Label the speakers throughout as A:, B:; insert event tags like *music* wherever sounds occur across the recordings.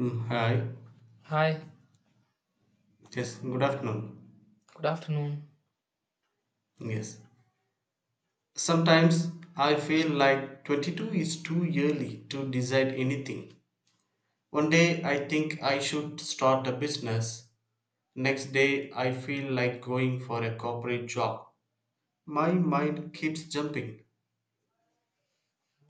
A: Hi.
B: Hi,
A: Yes, good afternoon.
B: good afternoon.
A: Yes. Sometimes I feel like 22 is too early to decide anything. One day I think I should start a business. Next day I feel like going for a corporate job. My mind keeps jumping.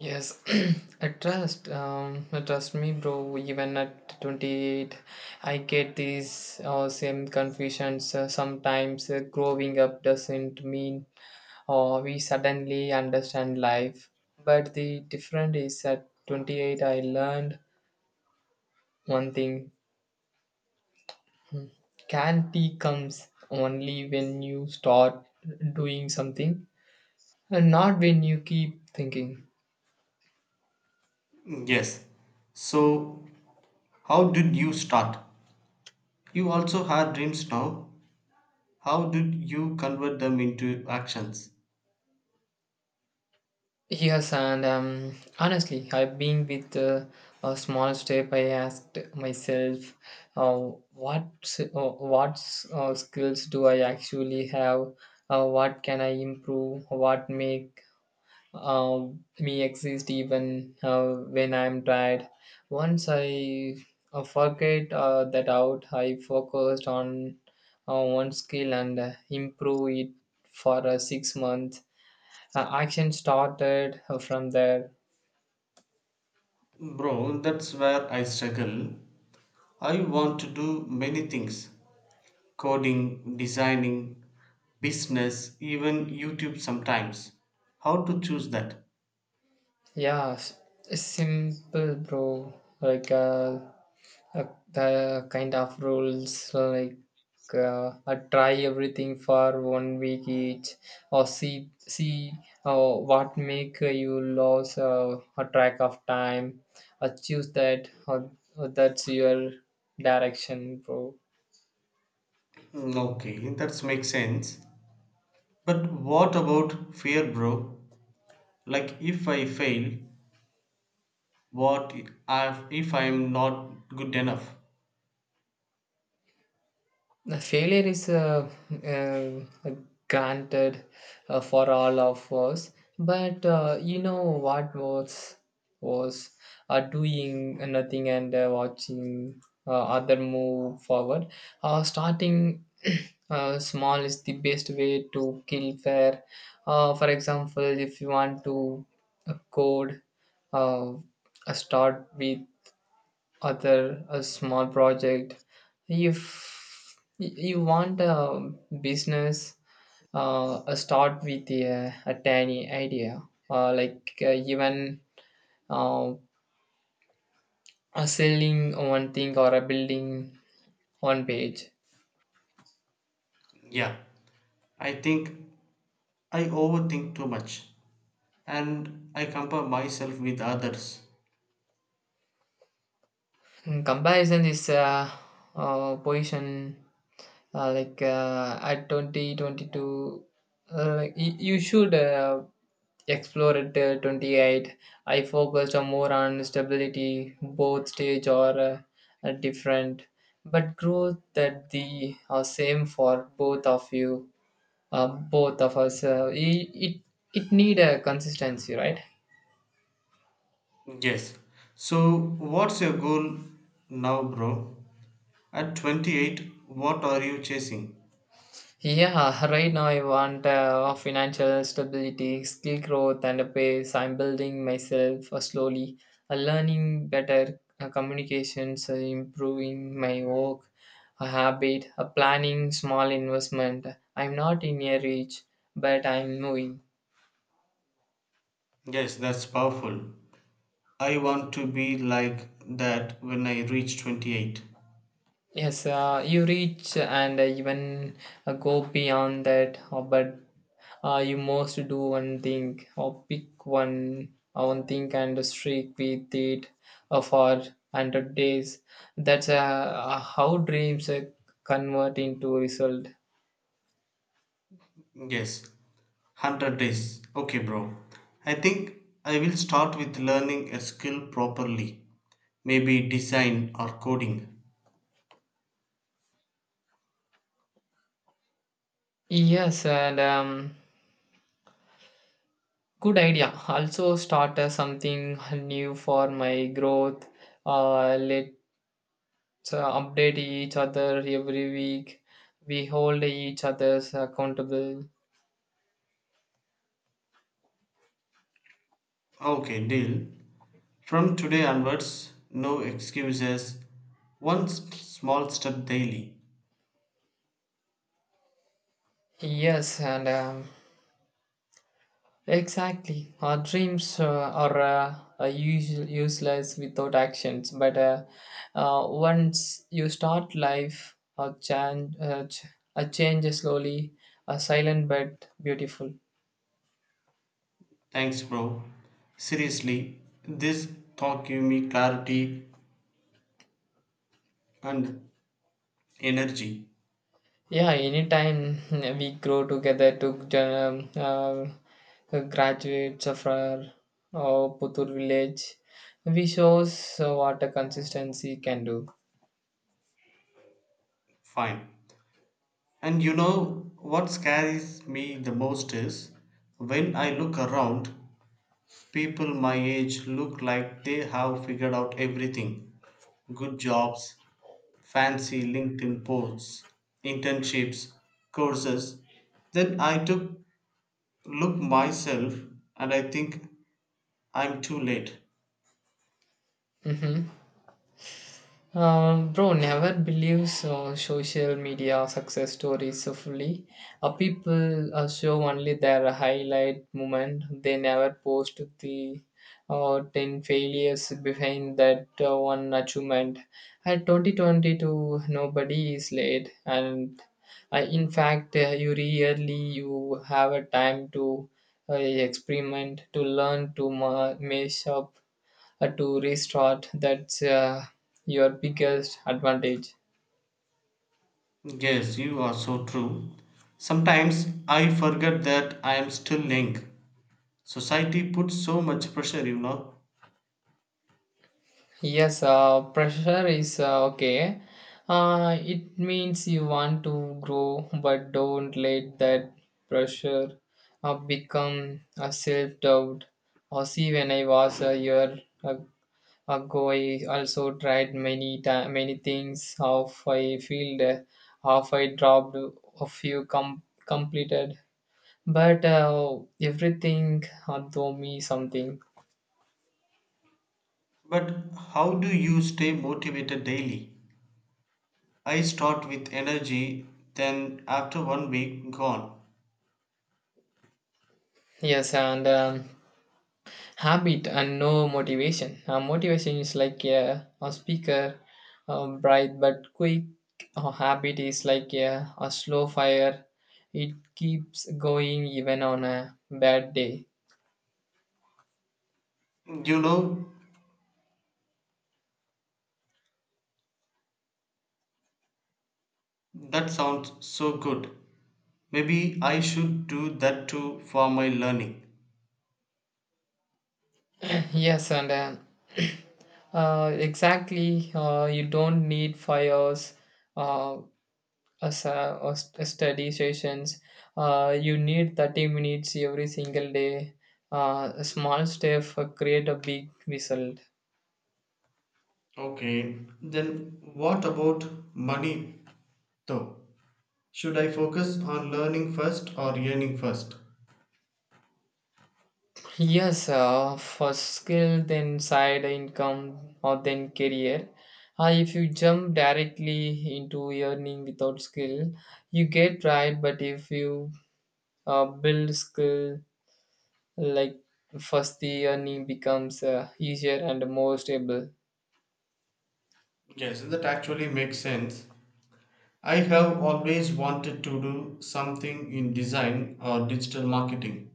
B: Yes, *clears throat* I trust. Trust me, bro. Even at 28, I get these same confusions. Sometimes growing up doesn't mean we suddenly understand life. But the difference is at 28, I learned one thing clarity comes only when you start doing something and not when you keep thinking.
A: Yes. So, how did you start? You also had dreams now. How did you convert them into actions?
B: Yes, and honestly, I've been with a small step. I asked myself, uh, what s- uh, skills do I actually have? What can I improve? What make uh, me exist even when I'm tired? Once I forget that out, I focused on one skill and improve it for 6 months action started from there.
A: Bro, that's where I struggle. I want to do many things coding, designing, business, even YouTube sometimes. How to choose that?
B: Yeah, s- Simple, bro. Like uh, uh, the kind of rules like try everything for 1 week each, or see what make you lose a track of time. Choose that. Or that's your direction, bro.
A: Okay, that makes sense. But what about fear, bro? Like, if I fail, what if I'm not good enough?
B: The failure is uh, granted for all of us, but you know what was doing nothing and watching other move forward. Starting *clears throat* small is the best way to kill fair. For example, if you want to code, uh, start with other a small project if you want a business, start with a tiny idea like even uh, selling one thing or a building one page.
A: Yeah, I think I overthink too much and I compare myself with others.
B: Mm, comparison is position like at 2022. Like, you should explore at 28. I focused on more on stability, both stage or are different, but growth that the are same for both of you, both of us. It need a consistency, right?
A: Yes. So, what's your goal now, bro? At 28, what are you chasing?
B: Yeah, right now I want financial stability, skill growth, and a pace. I'm building myself slowly, learning better communications, improving my work habit, planning small investment. I'm not in a reach, but I'm moving.
A: Yes, that's powerful. I want to be like that when I reach 28.
B: Yes, you reach and even go beyond that, but you must do one thing or pick one thing and streak with it for 100 days. That's how dreams convert into result.
A: Yes, 100 days. Okay, bro. I think I will start with learning a skill properly, maybe design or coding.
B: Yes, and good idea. Also start something new for my growth. Let so update each other every week we hold each others accountable.
A: Okay, deal. From today onwards, no excuses. One small step daily.
B: Yes and um, exactly our dreams are useless without actions but once you start life a change a change is slowly a silent but beautiful.
A: Thanks, bro. Seriously, this talk gave me clarity and energy.
B: Yeah, anytime, *laughs* we grow together to graduates of our Putur village, we shows what a consistency can do.
A: Fine. And you know what scares me the most is when I look around, people my age look like they have figured out everything good jobs, fancy LinkedIn posts, internships, courses. Then I took look myself and I think I'm too late.
B: Hmm. Bro never believes social media success stories so fully. People show only their highlight moment. They never post the 10 failures behind that one achievement. At 2022, nobody is late. And in fact, you rarely you have a time to experiment, to learn, to mess up to restart that's your biggest advantage.
A: Yes, you are so true. Sometimes I forget that I am still young. Society puts so much pressure, you know.
B: Yes Pressure is okay, it means you want to grow, but don't let that pressure become a self-doubt. Or see, when I was a year ag- ago, I also tried many things, half I failed, half I dropped, a few com- completed. But everything taught me something.
A: But how do you stay motivated daily? I start with energy, then after one week, gone.
B: Yes, and habit and no motivation. Motivation is like a speaker, bright but quick. Habit is like a slow fire. It keeps going even on a bad day.
A: You know, that sounds so good. Maybe I should do that too for my learning.
B: *laughs* Yes, and *clears throat* exactly. You don't need fires. Uh, a, sa- a or st- study sessions. You need 30 minutes every single day. A small step create a big result.
A: Okay, then what about money though? Should I focus on learning first or earning first?
B: Yes, for skill, then side income, or then career. If you jump directly into earning without skill, you get right. But if you build skill, like first the earning becomes easier and more stable.
A: Yes, that actually makes sense. I have always wanted to do something in design or digital marketing.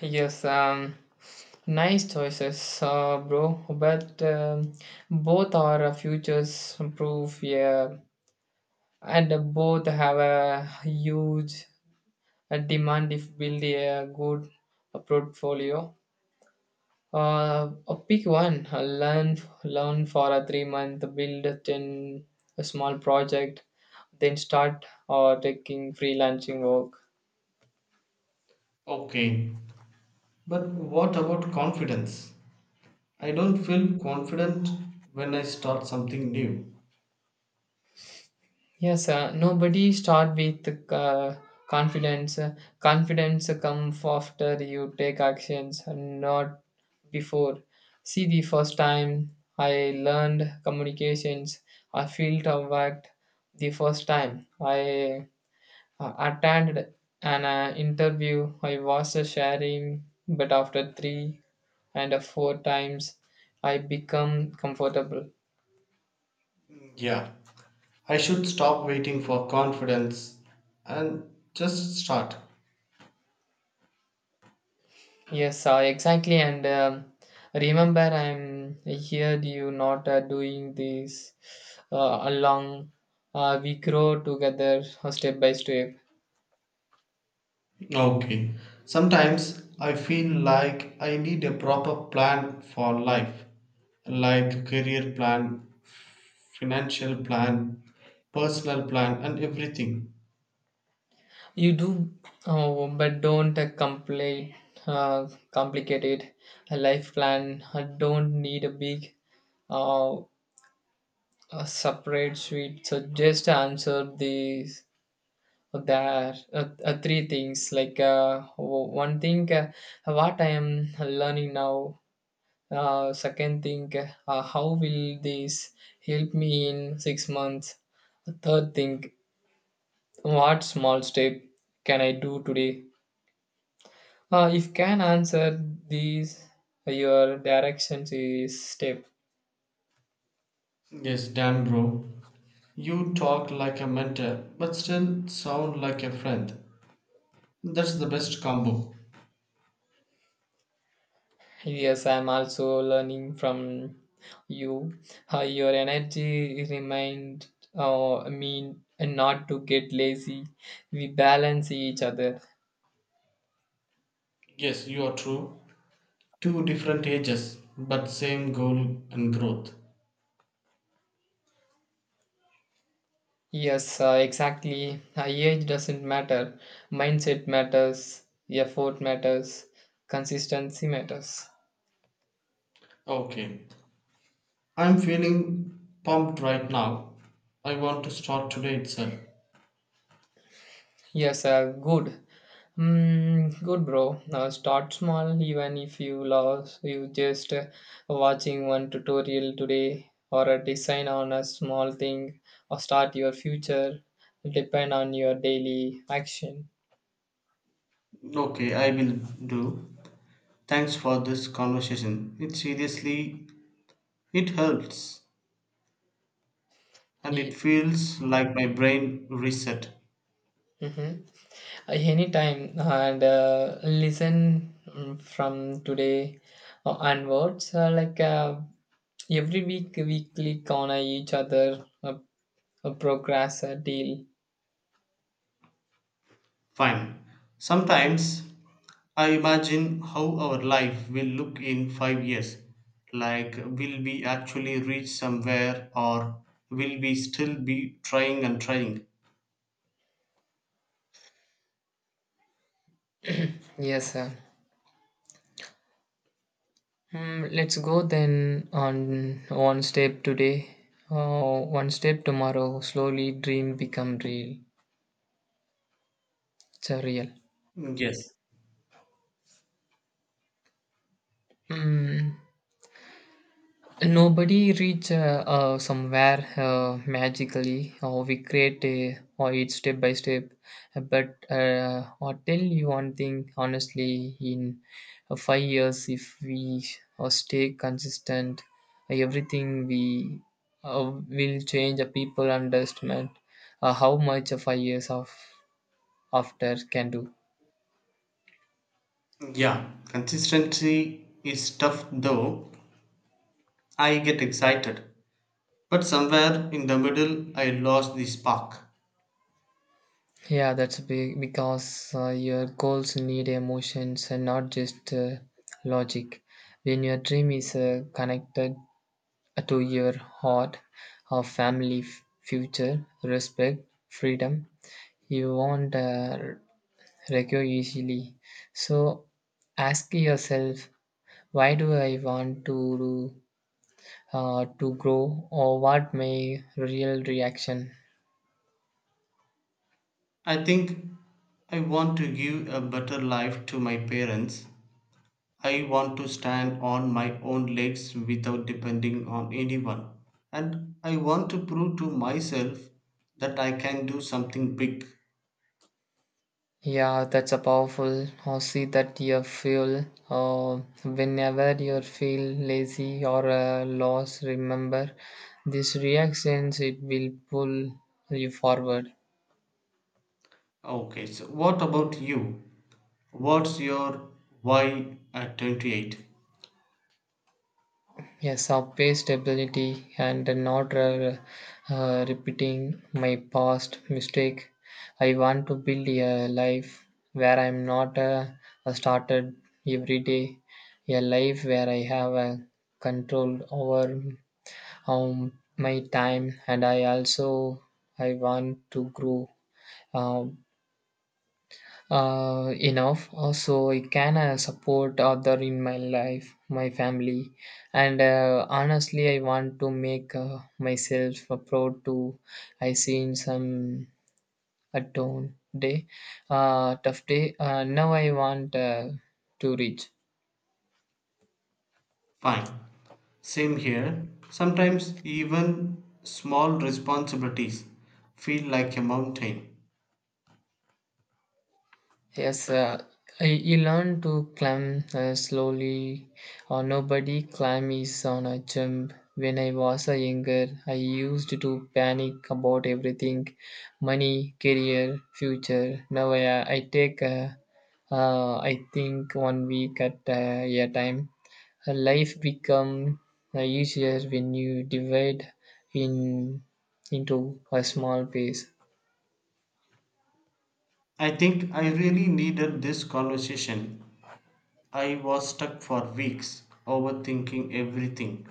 B: Yes, um, nice choices, bro. But both are a futures proof, yeah, and both have a huge demand if build a good portfolio. Pick one. Learn for a 3 month. Build it in a small project, then start or taking freelancing work.
A: Okay, but what about confidence? I don't feel confident when I start something new.
B: Yes, nobody start with confidence. Confidence comes after you take actions, not before. See, the first time I learned communications, I felt of worked. The first time I attended an interview, I was sharing, but after three and four times, I become comfortable.
A: Yeah, I should stop waiting for confidence and just start.
B: Yes, exactly. And remember, I'm here. You not doing this along. We grow together step by step.
A: Okay, sometimes I feel like I need a proper plan for life, like career plan, financial plan, personal plan, and everything.
B: You do, but don't complicate it. A life plan don't need a big, uh, a separate suite. So just answer these. There three things like one thing, what I am learning now. Second thing, how will this help me in 6 months? Third thing, what small step can I do today? If can answer these, your directions is step.
A: Yes, damn bro. You talk like a mentor, but still sound like a friend. That's the best combo.
B: Yes, I'm also learning from you. Your energy remind me not to get lazy. We balance each other.
A: Yes, you are true. Two different ages, but same goal and growth.
B: Yes, exactly. Age doesn't matter. Mindset matters. Effort matters. Consistency matters.
A: Okay. I'm feeling pumped right now. I want to start today itself.
B: Yes, good. Mm, good, bro. Now start small, even if you lost, you just watching one tutorial today or a design on a small thing or start your future depend on your daily action.
A: Okay, I will do. Thanks for this conversation. It seriously it helps and it
B: Ye-
A: feels like my brain reset.
B: Mhm. Anytime and listen, mm, from today onwards like every week we click on each other progress, deal.
A: Fine. Sometimes I imagine how our life will look in 5 years. Like, will we actually reach somewhere or will we still be trying and trying?
B: Yes sir. Mm, let's go then on one step today, one step tomorrow, slowly dream become real. It's a real.
A: Yes.
B: Mm. Nobody reach somewhere magically, or we create or it's step by step. But I'll tell you one thing honestly: in 5 years, if we stay consistent, everything we will change. People understand how much 5 years of after can do.
A: Yeah. Consistency is tough though. I get excited. But somewhere in the middle, I lost the spark.
B: Yeah, that's big because your goals need emotions and not just logic. When your dream is connected to your heart, or family, future, respect, freedom, you won't recur easily. So ask yourself, why do I want to grow, or what my real reaction.
A: I think I want to give a better life to my parents. I want to stand on my own legs without depending on anyone. And I want to prove to myself that I can do something big.
B: Yeah, that's a powerful. Or see that your fuel. Whenever you feel lazy or lost, remember these reactions. It will pull you forward.
A: Okay, so what about you? What's your why at 28?
B: Yes, our pace stability and not repeating my past mistake. I want to build a life where I'm not started every day. A life where I have a control over my time, and I also I want to grow um, enough so I can support other in my life, my family, and honestly I want to make myself a proud to I see in some a down day, tough day, now I want to reach.
A: Fine. Same here. Sometimes even small responsibilities feel like a mountain.
B: Yes, you learn to climb slowly, or nobody climb is on a jump. When I was a younger, I used to panic about everything, money, career, future. Now I take, I think 1 week at a time. Life become easier when you divide in into a small piece.
A: I think I really needed this conversation. I was stuck for weeks overthinking everything.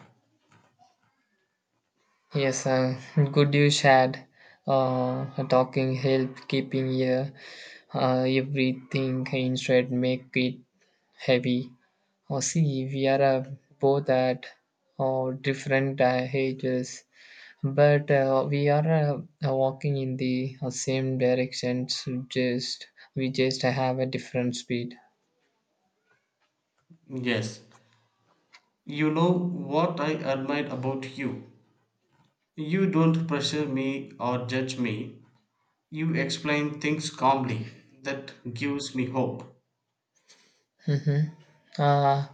B: Yes, good you shared. Talking help keeping your everything instead make it heavy. Oh, see, we are both at different ages, but we are walking in the same direction. So just we just have a different speed.
A: Yes, you know what I admire about you. You don't pressure me or judge me. You explain things calmly. That gives me hope.
B: Mm-hmm. Uh,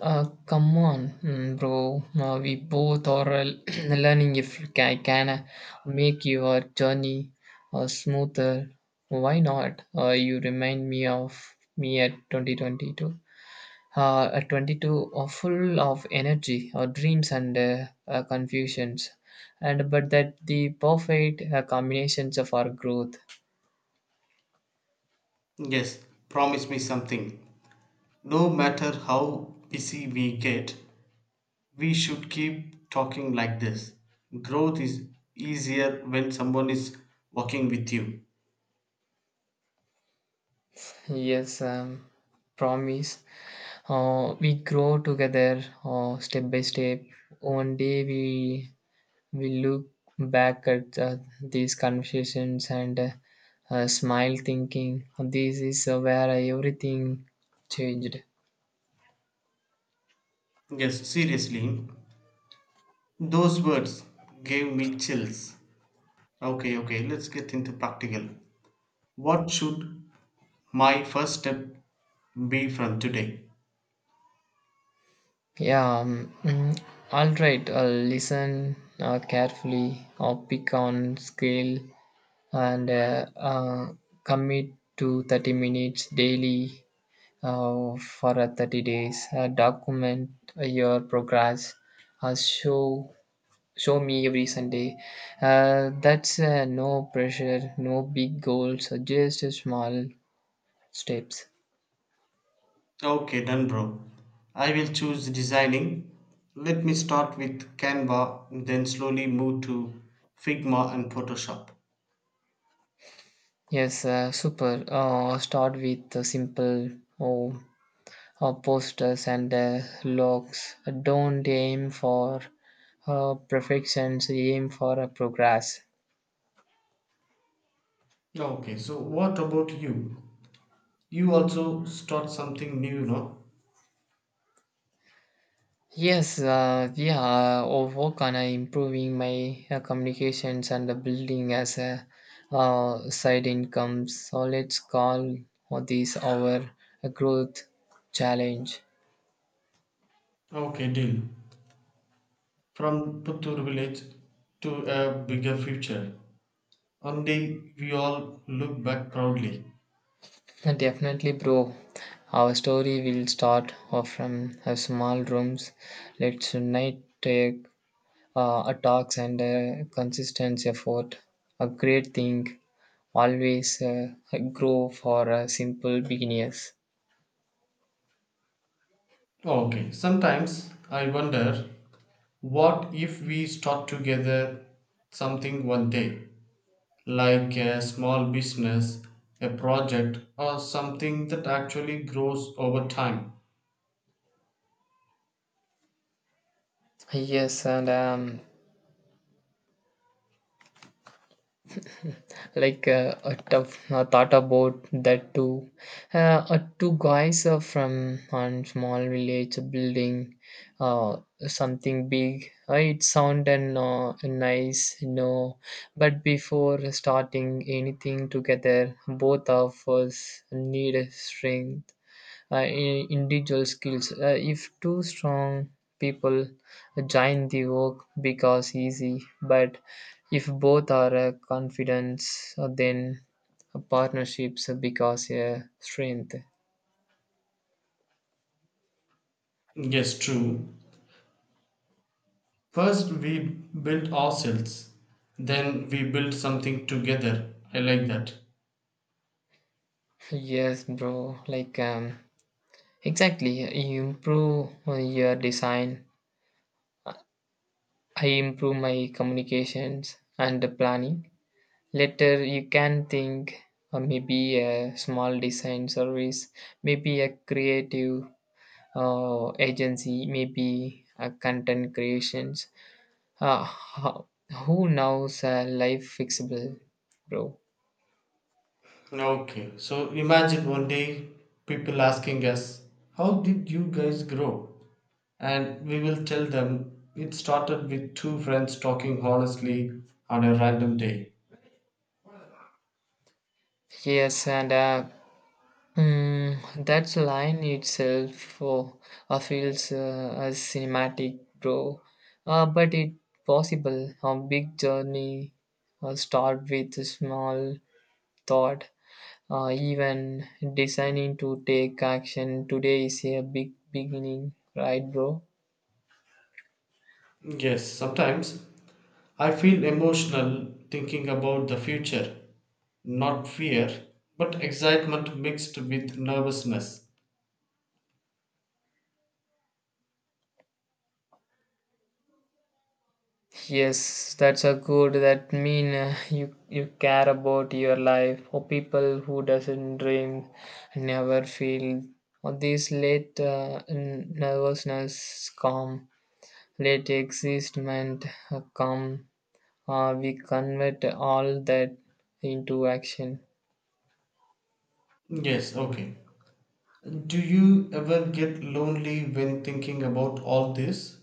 B: Uh, Come on, mm, bro. We both are *clears throat* learning if I can make your journey smoother. Why not? You remind me of me at 2022. At 22, full of energy, dreams, and confusions. And but that the perfect combinations of our growth.
A: Yes, promise me something. No matter how busy we get, we should keep talking like this. Growth is easier when someone is working with you.
B: Yes, um, promise. We grow together step by step. One day we look back at these conversations and smile, thinking this is where everything changed.
A: Yes, seriously, those words gave me chills. Okay, okay, let's get into practical. What should my first step be from today?
B: Yeah. Um, mm, all right. Listen carefully. Pick on scale and commit to 30 minutes daily for a 30 days. Document your progress. Uh, show show me every Sunday. That's no pressure, no big goals, just small steps.
A: Okay, done, bro. I will choose designing. Let me start with Canva, then slowly move to Figma and Photoshop.
B: Yes, super. Start with simple oh, posters and logs. Don't aim for perfections, aim for a progress.
A: Okay, so what about you? You also start something new, no?
B: Yes, or work on improving my communications and building as a side income. So let's call this our growth challenge.
A: Okay, deal. From Puttur village to a bigger future. One day we all look back proudly.
B: And definitely, bro, our story will start off from small rooms. Let's tonight take a talks and a consistent effort. A great thing, always grow for simple beginners.
A: Okay, sometimes I wonder, what if we start together something one day, like a small business, a project, or something that actually grows over time?
B: Yes, and like a tough thought about that too. Uh, Two guys from a small village building uh, something big. It sounded nice, you know. But before starting anything together, both of us need strength individual skills. If two strong people join, the work becomes easy. But if both are confident, then partnerships becomes a strength.
A: Yes, true. First, we build ourselves, then, we build something together. I like that.
B: Yes, bro. Exactly. You improve your design. I improve my communications and the planning. Later, you can think maybe a small design service, maybe a creative agency, maybe content creations. Uh, how, who knows life fixable, bro?
A: Okay, so imagine one day people asking us, how did you guys grow? And we will tell them it started with two friends talking honestly on a random day.
B: Yes, and mm, that line itself feels as cinematic, bro. But it possible a big journey start with a small thought. Even designing to take action today is a big beginning, right, bro?
A: Yes, sometimes I feel emotional thinking about the future, not fear, but excitement mixed with nervousness.
B: Yes, that's a good. That mean you care about your life. For people who doesn't dream, never feel. Or this late nervousness come, late existment come. We convert all that into action.
A: Yes, okay. Do you ever get lonely when thinking about all this?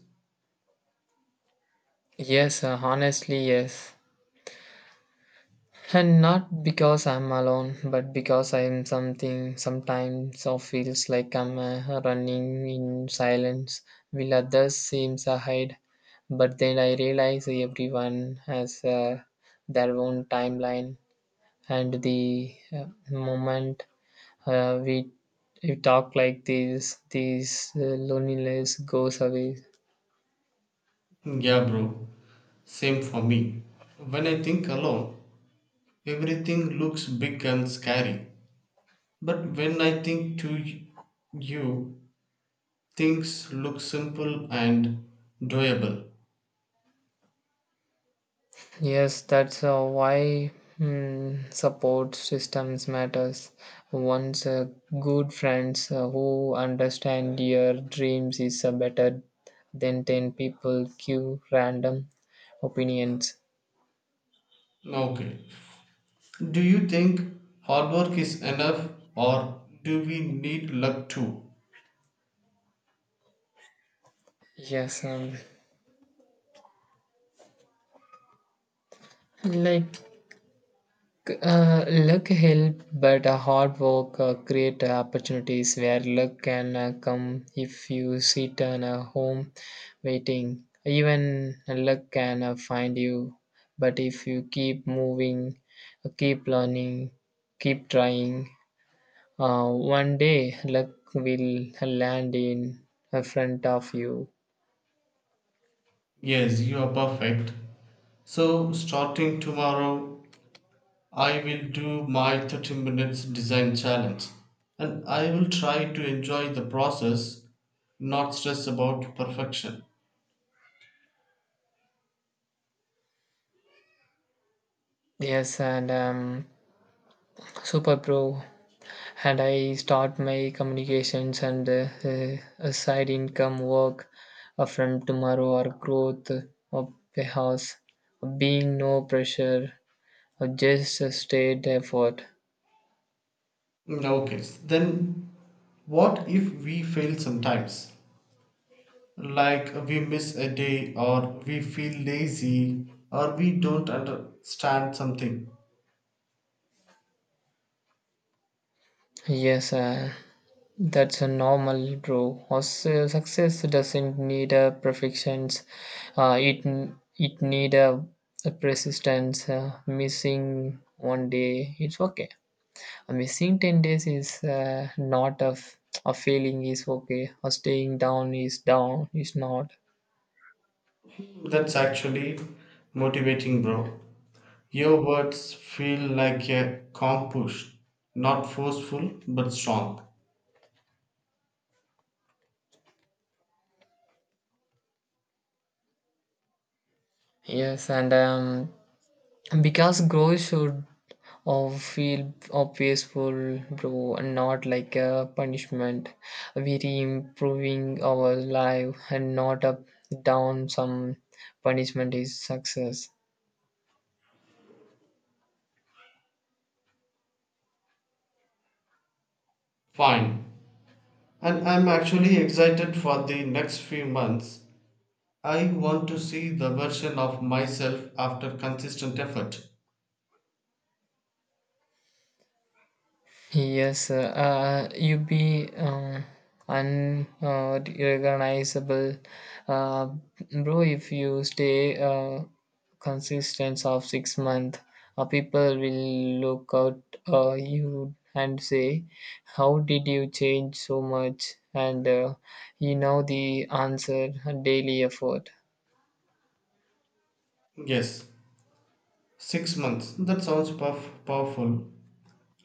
B: Yes, honestly, yes. And not because I'm alone, but because I'm something sometimes or feels like I'm running in silence, will others seems ahead. But then I realize everyone has their own timeline, and the moment uh, we, we talk like this loneliness goes away.
A: Yeah, bro. Same for me. When I think alone, everything looks big and scary. But when I think to you, things look simple and doable.
B: Yes, that's why support systems matters. Once good friends who understand your dreams is better than ten people give random opinions.
A: Okay. Do you think hard work is enough or do we need luck too?
B: Yes, um, like Luck help, but hard work create opportunities where luck can come if you sit on a home waiting. Even luck can find you, but if you keep moving, keep learning, keep trying, one day luck will land in front of you.
A: Yes, you are perfect. So, starting tomorrow, I will do my 30 minutes design challenge and I will try to enjoy the process, not stress about perfection.
B: Yes, and super pro. And I start my communications and side income work from tomorrow or growth of the house. Being no pressure, just a state effort.
A: Okay, then what if we fail sometimes? Like we miss a day, or we feel lazy, or we don't understand something.
B: Yes, that's a normal, bro. Also, success doesn't need a perfections. Uh, it it need a persistence. Missing one day, it's okay. Missing 10 days is not a failing is okay or staying down is not.
A: That's actually motivating, bro. Your words feel like a calm push, not forceful but strong.
B: Yes and because growth should or feel or peaceful bro and not like a punishment. We re improving our life and not up down some punishment is success.
A: Fine. And I'm actually excited for the next few months. I want to see the version of myself after consistent effort.
B: Yes, you be unrecognizable, uh, bro. If you stay consistent of 6 months, people will look out you and say, "How did you change so much?" And you know the answer: daily effort.
A: Yes, 6 months. That sounds powerful,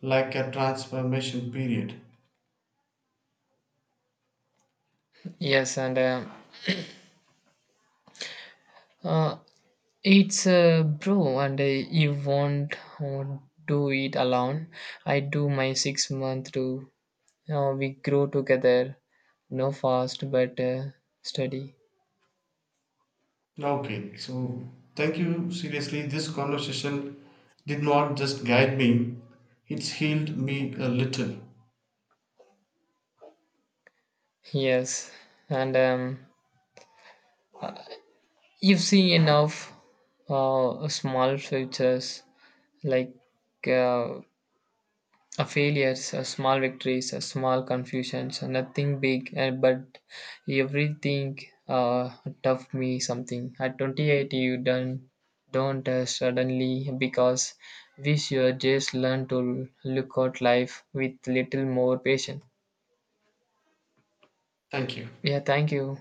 A: like a transformation period.
B: Yes, and uh, it's a bro, and you won't uh, do it alone. I do my 6 month too. We grow together, no fast but steady.
A: Okay, so thank you. Seriously, this conversation did not just guide me, it's healed me a little.
B: Yes, and you see enough small features like uh, a failures, a small victories, a small confusions, a nothing big, but everything uh, taught me something. At 28, you don't suddenly because we should just learn to look at life with little more patience.
A: Thank you.
B: Yeah, thank you.